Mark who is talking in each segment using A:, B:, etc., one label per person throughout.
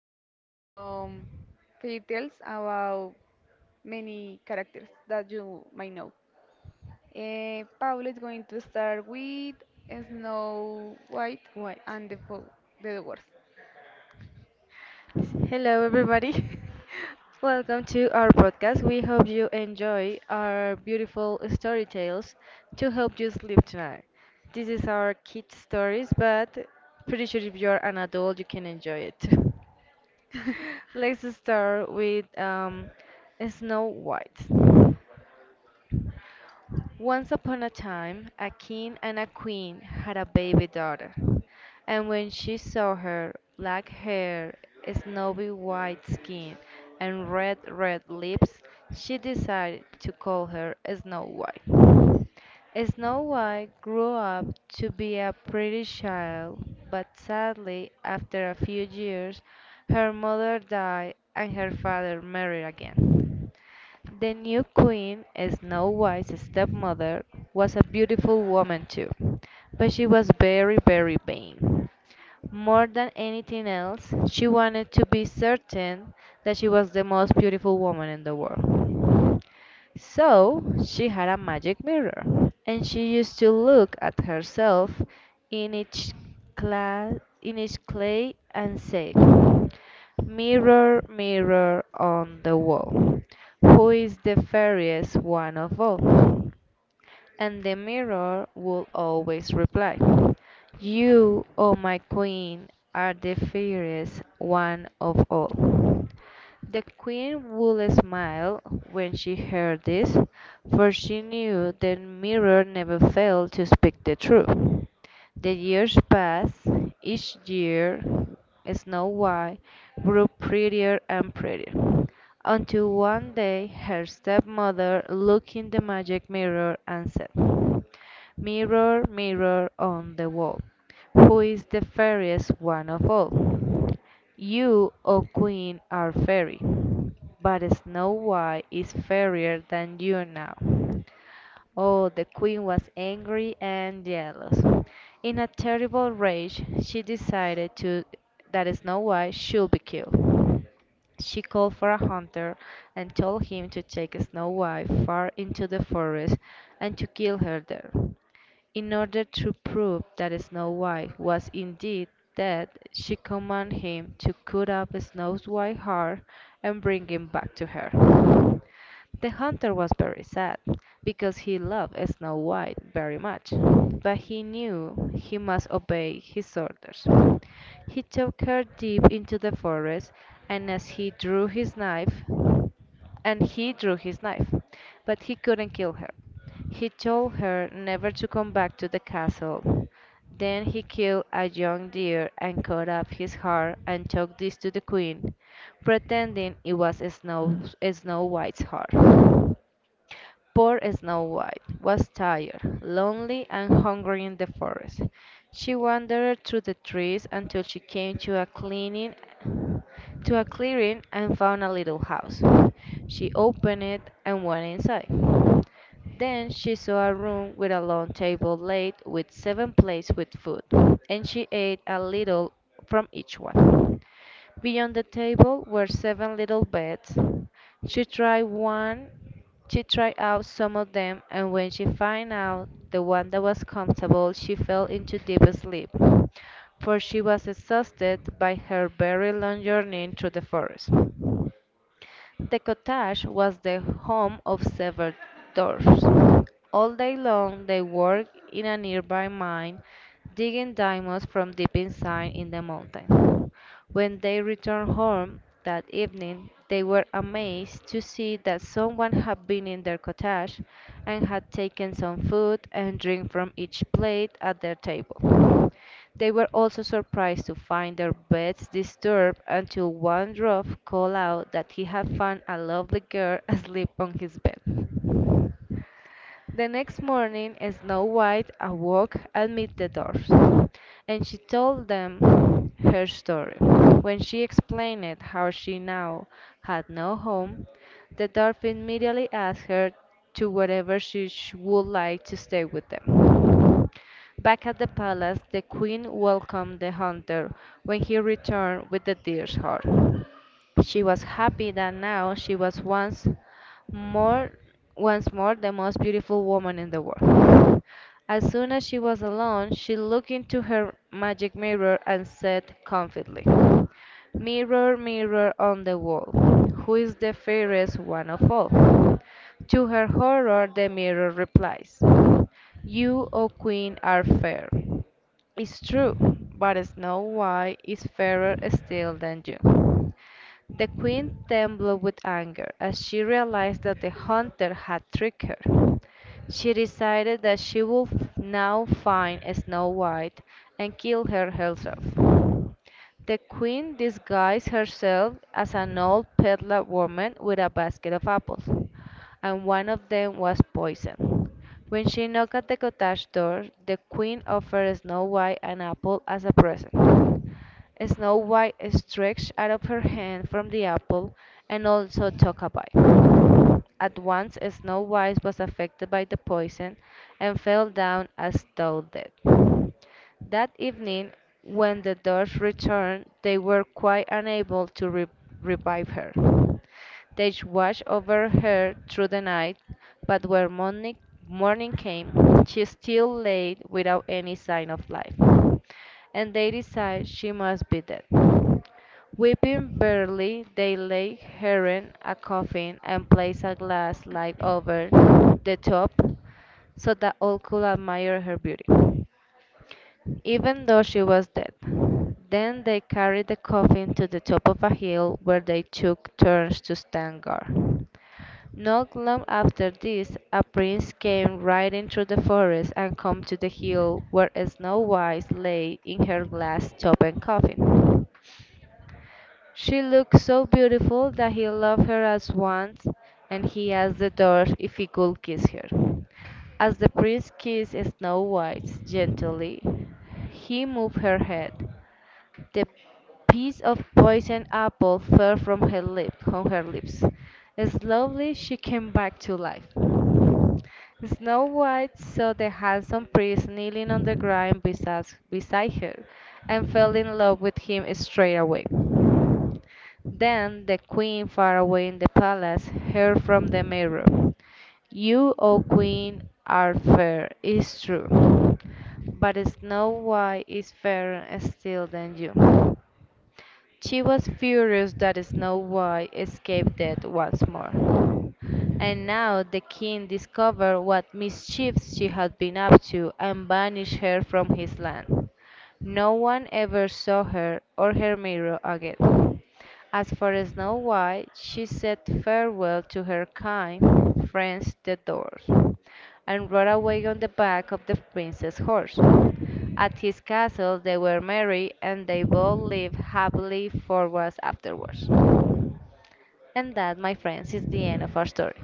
A: You guys some fairy tales about many characters that you might know. Paula is going to start with Snow White
B: What?
A: and the Dwarfs.
B: Hello, everybody. Welcome to our podcast. We hope you enjoy our beautiful story tales to help you sleep tonight. This is our kids' stories, but pretty sure if you're an adult, you can enjoy it too. Let's start with Snow White. Once upon a time, a king and a queen had a baby daughter, and when she saw her black hair, snowy white skin, and red, red lips, she decided to call her Snow White. Snow White grew up to be a pretty child, but sadly, after a few years, her mother died and her father married again. The new queen, Snow White's stepmother, was a beautiful woman too, but she was very, very vain. More than anything else, she wanted to be certain that she was the most beautiful woman in the world. So she had a magic mirror, and she used to look at herself in each glass, in each clay, and say, "Mirror, mirror on the wall, who is the fairest one of all?" And the mirror would always reply, "You, O my queen, are the fairest one of all." The queen would smile when she heard this, for she knew the mirror never failed to speak the truth. The years passed. Each year Snow White grew prettier and prettier, until one day her stepmother looked in the magic mirror and said, "Mirror, mirror on the wall, who is the fairest one of all?" "You, O Queen, are fairy, but Snow White is fairer than you now." Oh, the Queen was angry and jealous. In a terrible rage, she decided that Snow White should be killed. She called for a hunter and told him to take Snow White far into the forest and to kill her there. In order to prove that Snow White was indeed dead, she commanded him to cut off Snow White's heart and bring him back to her. The hunter was very sad, because he loved Snow White very much, but he knew he must obey his orders. He took her deep into the forest, and as he drew his knife and he drew his knife. But he couldn't kill her. He told her never to come back to the castle. Then he killed a young deer and cut up his heart and took this to the queen, pretending it was Snow White's heart. Poor Snow White was tired, lonely, and hungry in the forest. She wandered through the trees until she came to a clearing and found a little house. She opened it and went inside. Then she saw a room with a long table laid with seven plates with food, and she ate a little from each one. Beyond the table were seven little beds. She tried one, she tried out some of them, and when she found out the one that was comfortable, she fell into deep sleep, for she was exhausted by her very long journey through the forest. The cottage was the home of several dwarfs. All day long they worked in a nearby mine, digging diamonds from deep inside in the mountain. When they returned home that evening, they were amazed to see that someone had been in their cottage and had taken some food and drink from each plate at their table. They were also surprised to find their beds disturbed until one dwarf called out that he had found a lovely girl asleep on his bed. The next morning Snow White awoke amid the dwarfs, and she told them her story. When she explained how she now had no home, the dwarf immediately asked her to wherever she would like to stay with them. Back at the palace, the queen welcomed the hunter when he returned with the deer's heart. She was happy that now she was more once more the most beautiful woman in the world. As soon as she was alone, she looked into her magic mirror and said confidently, "Mirror, mirror on the wall, who is the fairest one of all?" To her horror the mirror replies, "You, O Queen, are fair. It's true, but Snow White is fairer still than you." The queen trembled with anger as she realized that the hunter had tricked her. She decided that she would now find Snow White and kill her herself. The queen disguised herself as an old peddler woman with a basket of apples, and one of them was poisoned. When she knocked at the cottage door, the queen offered Snow White an apple as a present. Snow White stretched out her hand from the apple, and also took a bite. At once Snow White was affected by the poison, and fell down as though dead. That evening, when the doves returned, they were quite unable to revive her. They watched over her through the night, but when morning came, she still lay without any sign of life and they decide she must be dead. Weeping bitterly, they lay her in a coffin and place a glass light over the top so that all could admire her beauty, even though she was dead. Then they carried the coffin to the top of a hill where they took turns to stand guard. Not long after this, a Prince came riding through the forest and came to the hill where Snow White lay in her glass top and coffin. She looked so beautiful that he loved her at once, and he asked the dwarf if he could kiss her. As the Prince kissed Snow White gently, he moved her head. The piece of poisoned apple fell from her lips. Slowly she came back to life. Snow White saw the handsome prince kneeling on the ground beside her, and fell in love with him straight away. Then the queen, far away in the palace, heard from the mirror, "You, O Queen, are fair, it's true, but Snow White is fairer still than you." She was furious that Snow White escaped death once more. And now the king discovered what mischiefs she had been up to, and banished her from his land. No one ever saw her or her mirror again. As for Snow White, she said farewell to her kind friends the Dwarfs, and rode away on the back of the Prince's horse. At his castle they were merry, and they both lived happily forwards afterwards. And that, my friends, is the end of our story.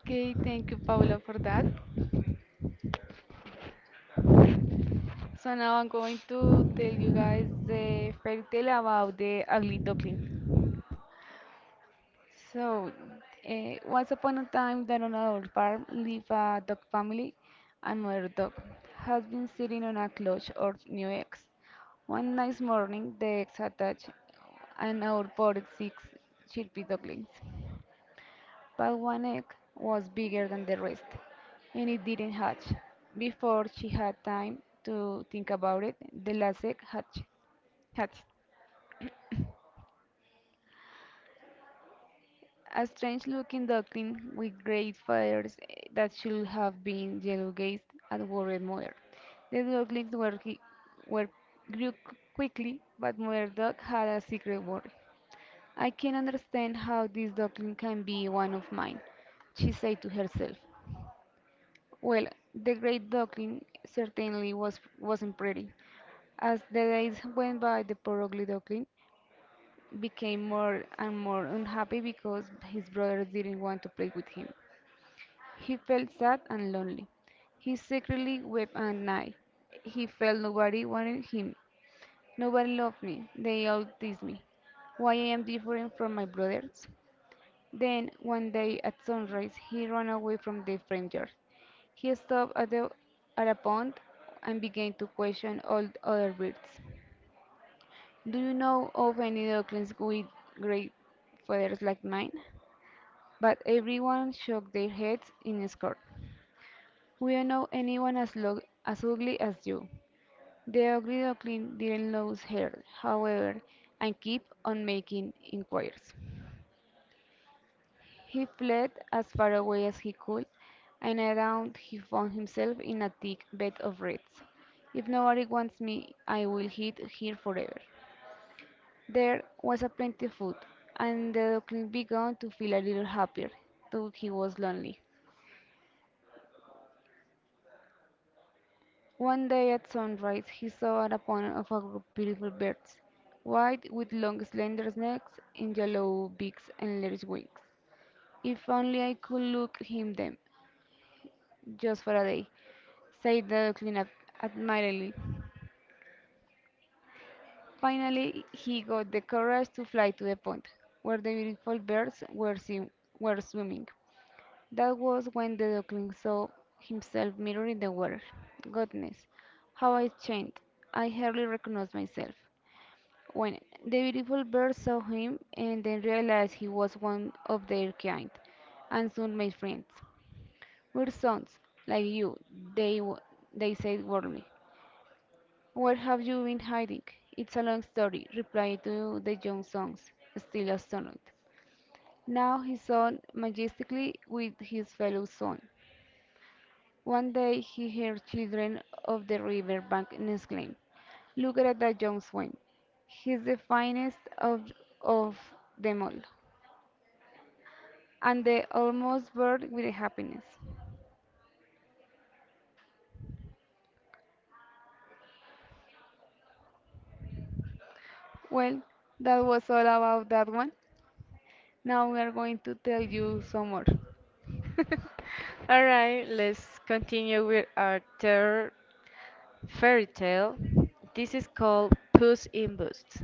A: Okay, thank you, Paula, for that. So now I'm going to tell you guys the fairy tale about the ugly duckling. So, once upon a time, down on a old farm lived a dog family, and mother dog has been sitting on a clutch or new eggs. One nice morning, the eggs hatch, and out poured six chirpy ducklings. But one egg was bigger than the rest, and it didn't hatch. Before she had time to think about it, the last egg hatched. A strange looking duckling with great feathers that should have been yellow gazed at worried mother. The ducklings were, hi- were grew quickly, but mother duck had a secret worry. I can understand how this duckling can be one of mine, she said to herself. Well, the Great Duckling certainly wasn't pretty. As the days went by, the poor ugly duckling became more and more unhappy because his brothers didn't want to play with him. He felt sad and lonely. He secretly wept at night. He felt nobody wanted him. Nobody loved me. They all teased me. Why I am different from my brothers? Then, one day at sunrise, he ran away from the strangers. He stopped at a pond and began to question all the other birds. Do you know of any ducklings with great feathers like mine? But everyone shook their heads in scorn. We don't know anyone as ugly as you. The ugly duckling didn't lose her, however, and kept on making inquiries. He fled as far away as he could, and around he found himself in a thick bed of reeds. If nobody wants me, I will hide here forever. There was a plenty of food, and the duckling began to feel a little happier, though he was lonely. One day at sunrise he saw an abundance of a group of beautiful birds, white with long slender necks and yellow beaks and large wings. If only I could look him them, just for a day, said the duckling admiringly. Finally, he got the courage to fly to the pond, where the beautiful birds were swimming. That was when the duckling saw himself mirrored in the water. Goodness, how I changed! I hardly recognized myself. When the beautiful birds saw him and then realized he was one of their kind, and soon made friends. We're sons, like you, they, w- they said warmly. Where have you been hiding? It's a long story, replied to the young sons, still astonished. Now he sat majestically with his fellow son. One day he heard children of the river bank exclaim, look at that young swan. He's the finest of them all. And they almost burst with happiness. Well, that was all about that one. Now we are going to tell you some more.
B: All right, let's continue with our third fairy tale. This is called Puss in Boots.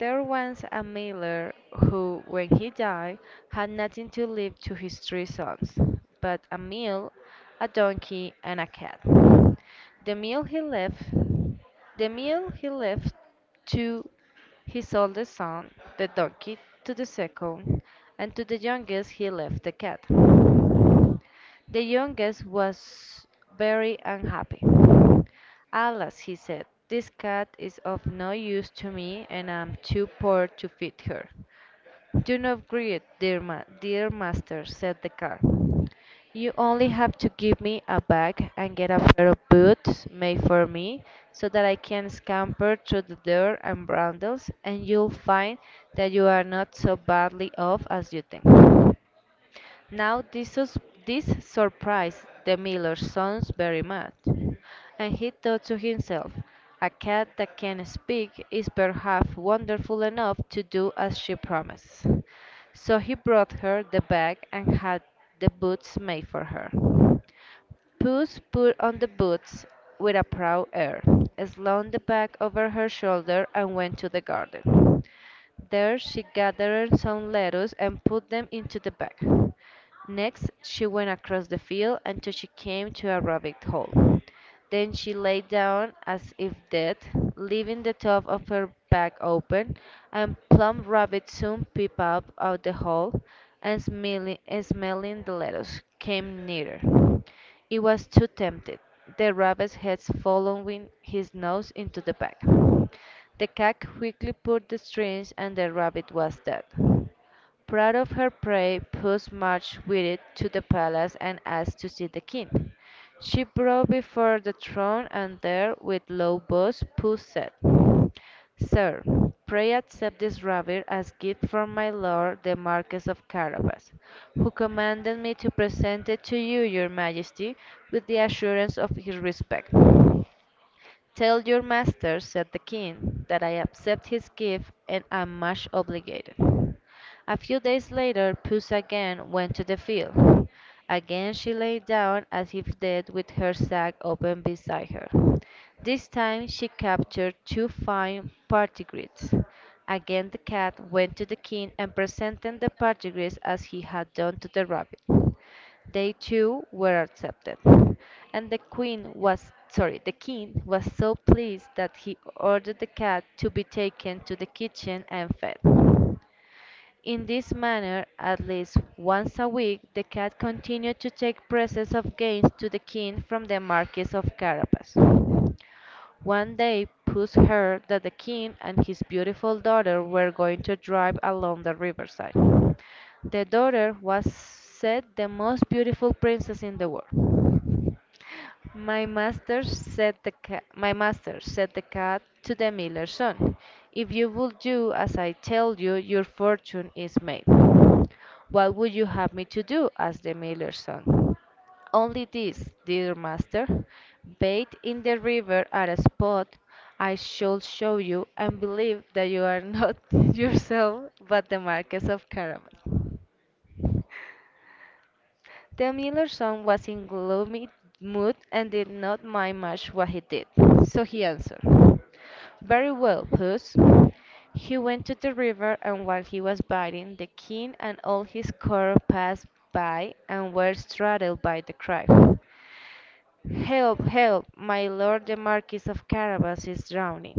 B: There was a miller who, when he died, had nothing to leave to his three sons but a mule, a donkey, and a cat. The meal he left, the meal he left to his oldest son, the donkey, to the second, and to the youngest he left the cat. The youngest was very unhappy. "Alas," he said, "this cat is of no use to me and I am too poor to feed her." "Do not grieve, dear master," said the cat. "You only have to give me a bag and get a pair of boots made for me, so that I can scamper through the door and bundles, and you'll find that you are not so badly off as you think." Now this surprised the miller's sons very much, and he thought to himself, "A cat that can speak is perhaps wonderful enough to do as she promised." So he brought her the bag and had the boots made for her. Puss put on the boots with a proud air, slung the bag over her shoulder, and went to the garden. There she gathered some lettuce and put them into the bag. Next, she went across the field until she came to a rabbit hole. Then she lay down as if dead, leaving the top of her back open, and plump rabbit soon peeped up out the hole, and smelling the lettuce, came nearer. It was too tempted, the rabbit's head following his nose into the bag. The cat quickly pulled the strings, and the rabbit was dead. Proud of her prey, Puss marched with it to the palace and asked to see the king. She brought before the throne, and there, with low voice, Puss said, "Sir, pray accept this rabbit as gift from my lord the Marquess of Carabas, who commanded me to present it to you, your Majesty, with the assurance of his respect." "Tell your master," said the king, "that I accept his gift and am much obliged." A few days later Puss again went to the field. Again she lay down as if dead with her sack open beside her. This time she captured two fine partridges. Again the cat went to the king and presented the partridges as he had done to the rabbit. They too were accepted, and the queen was sorry, the king was so pleased that he ordered the cat to be taken to the kitchen and fed. In this manner, at least once a week, the cat continued to take presents of gains to the king from the Marquis of Carabas. One day Puss heard that the king and his beautiful daughter were going to drive along the riverside. The daughter was said the most beautiful princess in the world. My master said the cat to the miller's son, if you will do as I tell you, your fortune is made. What would you have me to do? Asked the miller's son. Only this, dear master, bathe in the river at a spot I shall show you, and believe that you are not yourself, but the Marquis of Carabas. The miller's son was in gloomy mood and did not mind much what he did, so he answered, very well, puss. He went to the river, and while he was biting, the king and all his court passed by and were startled by the cry. Help, help, my lord the Marquis of Carabas is drowning.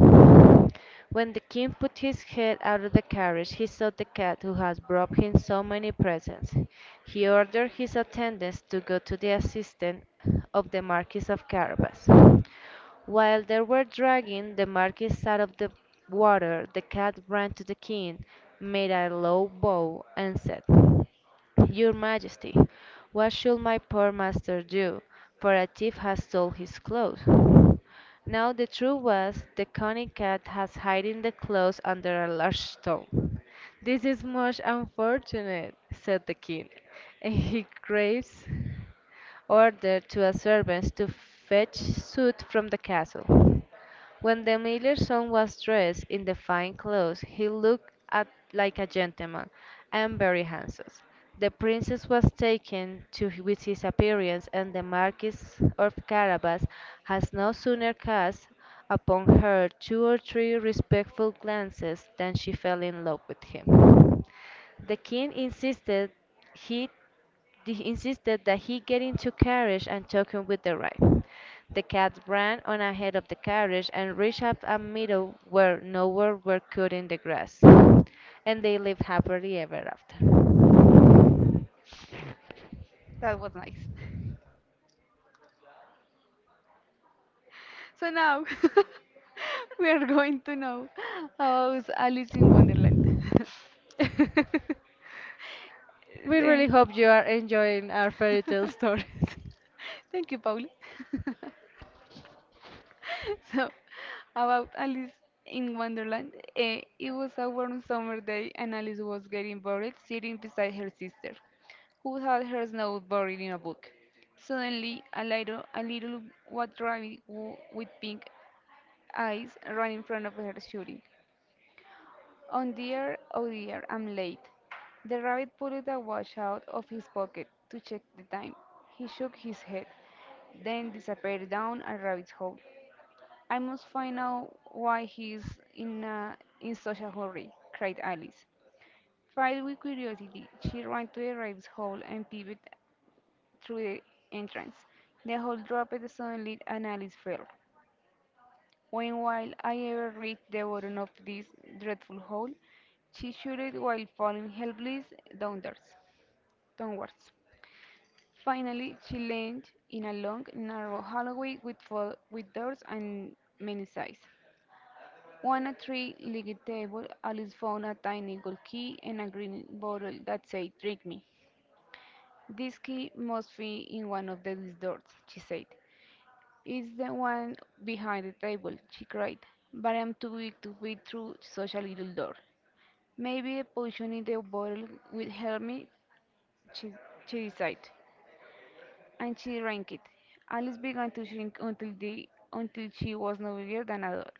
B: When the king put his head out of the carriage, he saw the cat who had brought him so many presents. He ordered his attendants to go to the assistance of the Marquis of Carabas. While they were dragging the Marquis out of the water, the cat ran to the king, made a low bow, and said, your Majesty, what should my poor master do, for a thief has stolen his clothes. Now the truth was, the cunning cat had hidden the clothes under a large stone. "This is most unfortunate," said the king, "and he craves ordered to a servant to fetch suit from the castle. When the miller's son was dressed in the fine clothes he looked at, like a gentleman and very handsome. The princess was taken to h- with his appearance, and the Marquis of Carabas has no sooner cast upon her two or three respectful glances than she fell in love with him. The king insisted he they insisted that he get into carriage and took him with the ride. The cat ran on ahead of the carriage and reached up a meadow where nowhere were cut in the grass, and they lived happily ever after.
A: That was nice. So now we are going to know about Alice in Wonderland.
B: We really
A: Eh,
B: hope you are enjoying our fairy tale stories.
A: Thank you, Pauli. So, about Alice in Wonderland, it was a warm summer day and Alice was getting bored sitting beside her sister, who had her snow buried in a book. Suddenly, a little white rabbit with pink eyes ran in front of her shouting. Oh dear, oh dear, I'm late. The rabbit pulled the watch out of his pocket to check the time. He shook his head, then disappeared down a rabbit hole. I must find out why he is in such a hurry, cried Alice. Filled with curiosity, she ran to the rabbit hole and peeped through the entrance. The hole dropped suddenly and Alice fell. When while I ever reached the bottom of this dreadful hole? She shuddered while falling helpless downwards. downwards. Finally, she landed in a long, narrow hallway with doors and many sides. On a three-legged table, Alice found a tiny gold key and a green bottle that said, drink me. This key must be in one of these doors, she said. It's the one behind the table, she cried. But I'm too weak to fit through such a little door. Maybe the potion in the bottle will help me, she, she decided. And she drank it. Alice began to shrink until she was no bigger than a doll.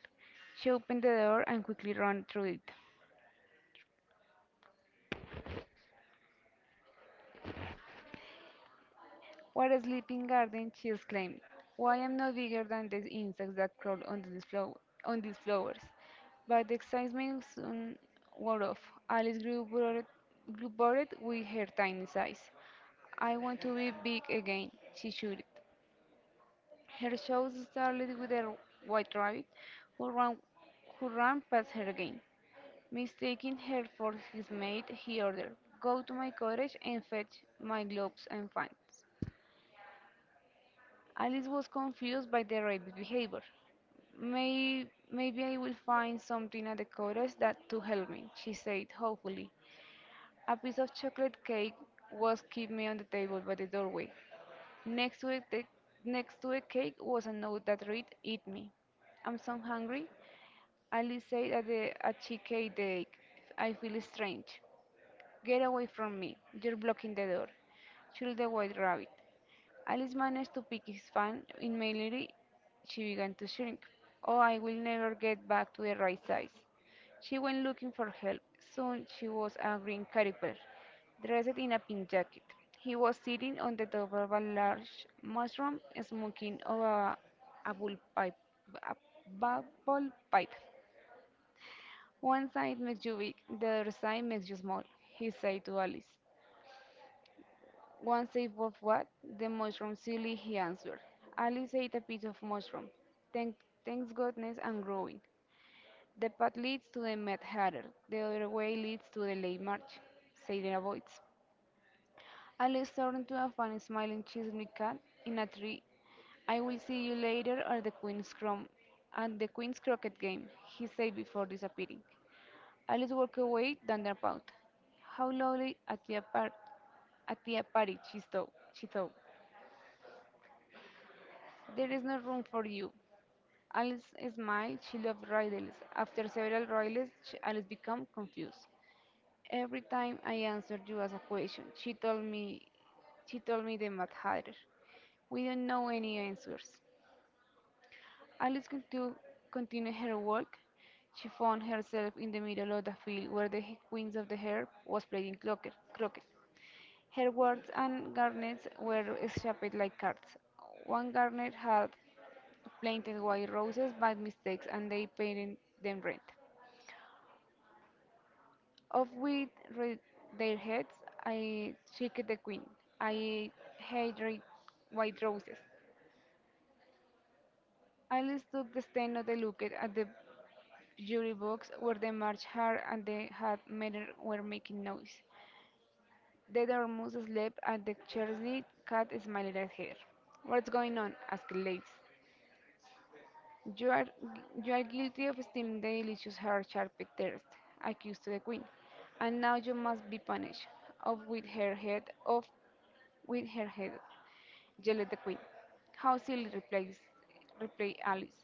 A: She opened the door and quickly ran through it. What a sleeping garden, she exclaimed. Why am not bigger than the insects that crawl on these flowers? But the excitement soon wore off. Alice grew bored with her tiny size. I want to be big again, she shouted. Her shows started with a white rabbit who ran, who ran past her again. Mistaking her for his mate, he ordered, go to my cottage and fetch my gloves and fans. Alice was confused by the rabbit's behavior. Maybe I will find something at the cottage that to help me, she said hopefully. A piece of chocolate cake was keeping on the table by the doorway. Next to it, the, next to the cake was a note that read, eat me. I'm so hungry. Ali said at the at cheesecake. Cake. I feel strange. Get away from me. You're blocking the door. Chill the white rabbit. Alice managed to pick his fan in Mallory. She began to shrink. Oh, I will never get back to the right size. She went looking for help. Soon she was a green caliper, dressed in a pink jacket. He was sitting on the top of a large mushroom, smoking of a, bull pipe, a bubble pipe. One side makes you big, the other side makes you small, he said to Alice. One side of what? The mushroom silly, he answered. Alice ate a piece of mushroom. Thank, thanks goodness I'm growing. The path leads to the Mad Hatter, the other way leads to the late march, said the voice. Alice turned to a funny smiling chismic cat in a tree. I will see you later at the Queen's Croquet game, he said before disappearing. Alice walked away down the path. How lovely at the party, she thought. There is no room for you. Alice smiled. She loved riddles. After several riddles, Alice became confused. Every time I answered you as a question, she told me the Mad Hatter. We don't know any answers. Alice con- to continued her walk. She found herself in the middle of the field where the Queens of the Herb was playing croquet. Her wards and garnets were shaped like cards. One garnet had planted white roses by mistake and they painted them red. Off with red, their heads, I shake the queen. I hate red, white roses. Alice took the stand of the looked at the jury box where the March Hare and the hat Matter were making noise. The Dormouse slept and the Chesney Cat smiled at her. What's going on? Asked Alice. You are, you are guilty of stealing the delicious her sharpie thirst, accused to the queen, and now you must be punished. Off with her head, off with her head, yelled the queen. How silly, replied Alice.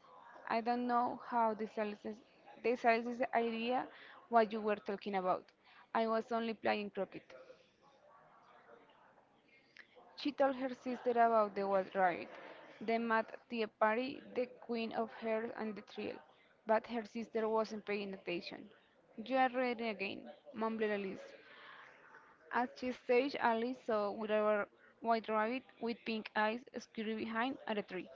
A: I don't know how this idea what you were talking about. I was only playing croquet. She told her sister about the wild rabbit, the mad tea party, the queen of hearts, and the thrill, but her sister wasn't paying attention. You are reading again, mumbled Alice. As she staged, Alice saw with a white rabbit with pink eyes scurry behind at a tree.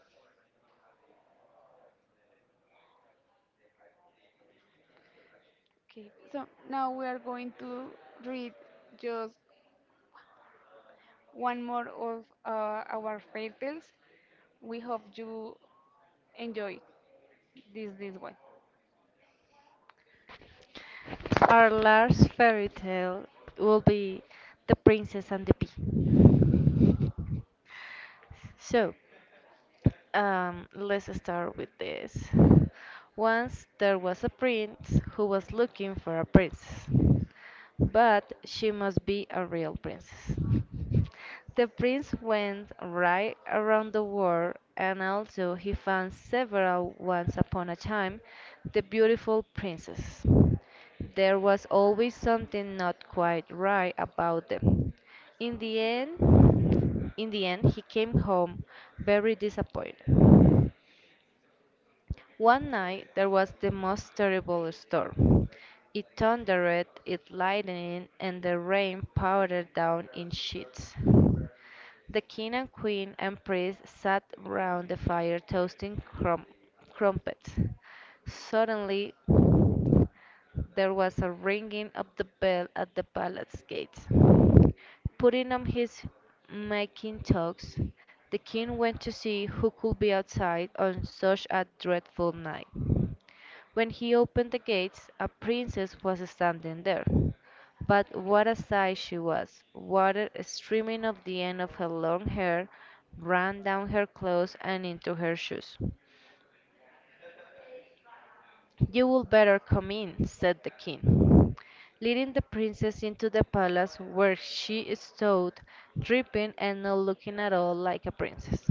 A: Okay. So now we are going to read just one more of our fairy tales. We hope you enjoy this one.
B: Our last fairy tale will be The Princess and the Pea. So, let's start with this. Once there was a prince who was looking for a princess, but she must be a real princess. The prince went right around the world, and although he found several once upon a time, the beautiful princesses. There was always something not quite right about them. In the end, in the end, he came home very disappointed. One night there was the most terrible storm. It thundered, it lightened, and the rain poured down in sheets. The king and queen and priest sat round the fire toasting crumpets. Suddenly, there was a ringing of the bell at the palace gate. Putting on his mackintosh, the king went to see who could be outside on such a dreadful night. When he opened the gates, a princess was standing there. But what a sight she was! Water streaming off the end of her long hair ran down her clothes and into her shoes. You would better come in, said the king, leading the princess into the palace where she stood, dripping and not looking at all like a princess.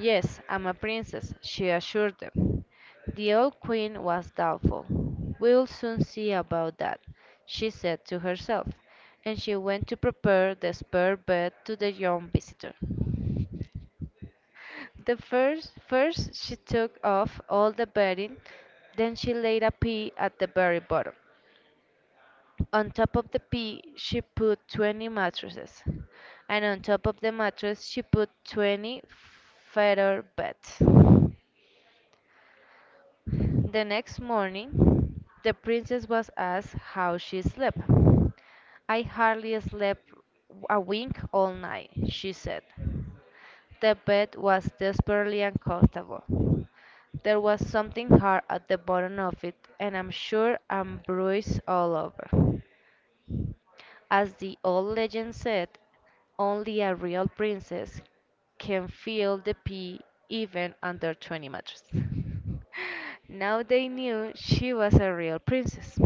B: Yes, I'm a princess, she assured them. The old queen was doubtful. We'll soon see about that, she said to herself, and she went to prepare the spare bed to the young visitor. First she took off all the bedding, then she laid a pea at the very bottom. On top of the pea she put 20 mattresses, and on top of the mattress she put 20 feather beds. The next morning, the princess was asked how she slept. I hardly slept a wink all night, she said. The bed was desperately uncomfortable. There was something hard at the bottom of it, and I'm sure I'm bruised all over. As the old legend said, only a real princess can feel the pea even under 20 mattress. Now they knew she was a real princess,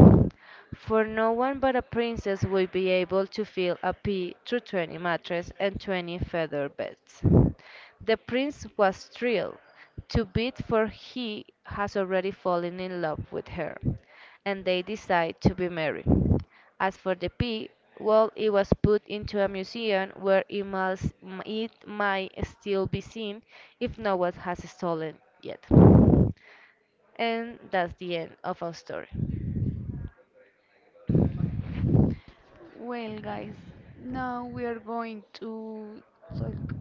B: for no one but a princess would be able to fill a pea through 20 mattresses and 20 feather beds. The prince was thrilled to bid for he has already fallen in love with her, and they decide to be married. As for the pig, well, it was put into a museum where it must, it might still be seen if no one has stolen yet. And that's the end of our story.
A: Well, guys, now we are going to talk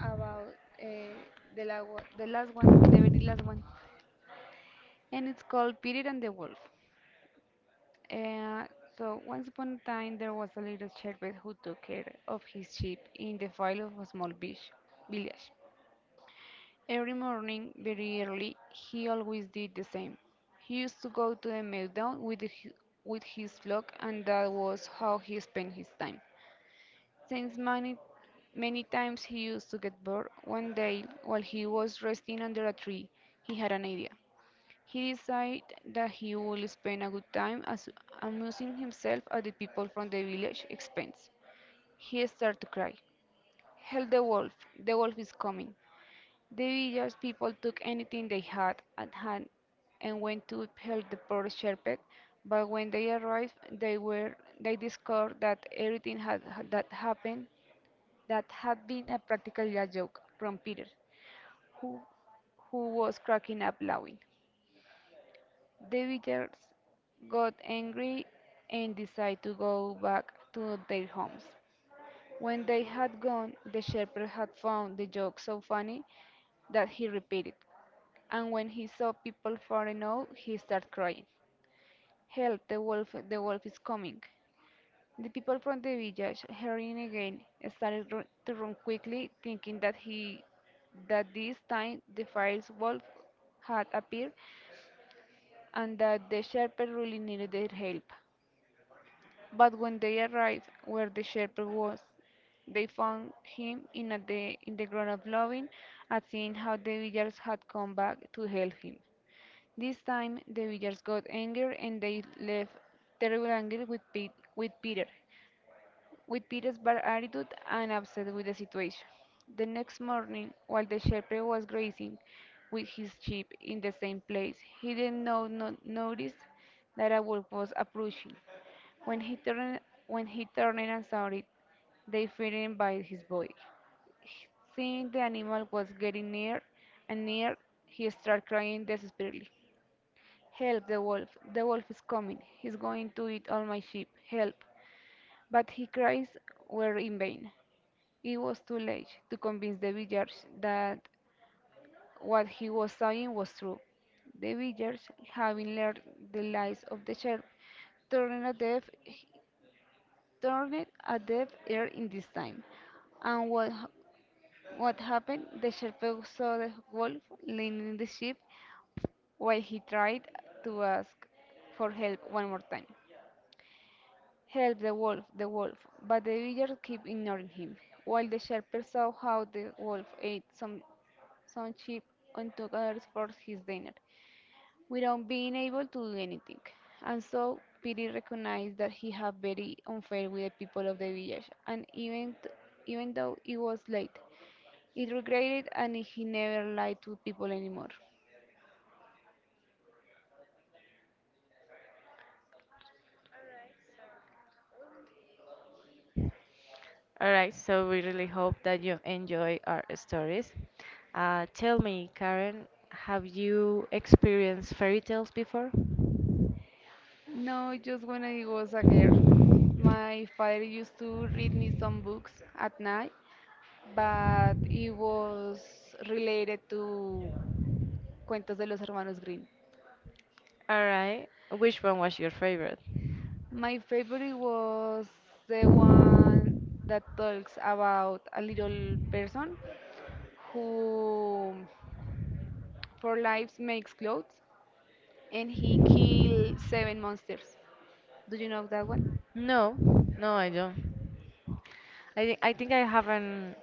A: about uh, the, la the last one, the very last one, and it's called Peter and the Wolf. Uh, so, once upon a time, there was a little shepherd who took care of his sheep in the field of a small beach, village. Every morning, very early, he always did the same. He used to go to the meadow with his flock, and that was how he spent his time. Since many, many times he used to get bored, one day, while he was resting under a tree, he had an idea. He decided that he would spend a good time as amusing himself at the people from the village expense. He started to cry, help the wolf! The wolf is coming! The village people took anything they had at hand and went to help the poor shepherd, but when they arrived, they discovered that everything that had been a practically a joke from Peter, who who was cracking up laughing. The villagers got angry and decided to go back to their homes. When they had gone, the shepherd had found the joke so funny that he repeated, and when he saw people falling out, he started crying, help! The wolf is coming! The people from the village, hearing again, started to run quickly, thinking that this time the fierce wolf had appeared, and that the shepherd really needed their help. But when they arrived where the shepherd was, they found him in the ground of loving at seeing how the villagers had come back to help him. This time the villagers got angry and they left terrible anger with Peter's bad attitude and upset with the situation. The next morning, while the shepherd was grazing with his sheep in the same place, he did not notice that a wolf was approaching. When he turned, when he turned and saw it, they frightened by his body. Seeing the animal was getting near and near, he started crying desperately. Help the wolf. The wolf is coming. He's going to eat all my sheep. Help. But his cries were in vain. It was too late to convince the villagers that what he was saying was true. The villagers, having learned the lies of the sheep, turned a deaf turned a deaf ear in this time. And what happened? The shepherd saw the wolf leading the sheep while he tried to ask for help one more time. Help the wolf, but the villagers kept ignoring him. While the shepherd saw how the wolf ate some sheep and took others for his dinner, without being able to do anything. And so Piri recognized that he had very unfair with the people of the village, and even though it was late, it regretted and he never lied to people anymore.
B: Alright, so we really hope that you enjoy our stories. Tell me, Karen, have you experienced fairy tales before?
A: No, just when I was a girl. My father used to read me some books at night, but it was related to Cuentos de los Hermanos Grimm.
B: Alright, which one was your favorite?
A: My favorite was the one that talks about a little person who for lives makes clothes and he killed seven monsters. Do you know that one?
B: No, no, I don't. I think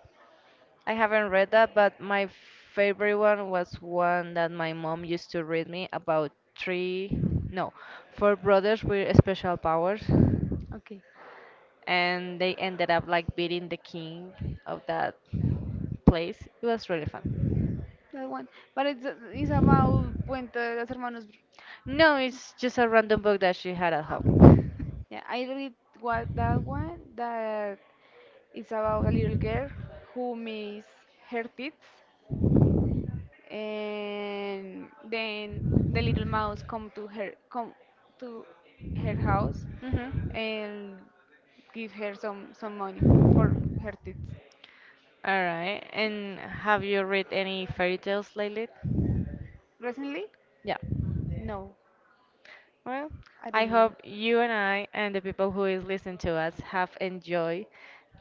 B: I haven't read that, but my favorite one was one that my mom used to read me about three, no, four brothers with special powers,
A: Okay,
B: and they ended up like beating the king of that place. It was really fun.
A: that one. But it's about Puente de los Hermanos.
B: No, it's just a random book that she had at
A: Okay.
B: home.
A: Yeah, I read what that one that it's about a little girl who misses her teeth and then the little mouse come to her house
B: Mhm.
A: and give her some money for her teeth.
B: All right. And have you read any fairy tales lately?
A: Recently?
B: Yeah.
A: No,
B: Well,
A: I
B: I
A: don't know.
B: hope you and I and the people who is listening to us have enjoyed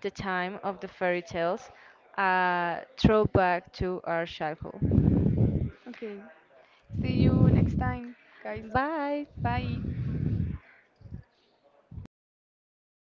B: the time of the fairy tales, throwback to our childhood.
A: Okay. See you next time, guys.
B: Bye.
A: Bye.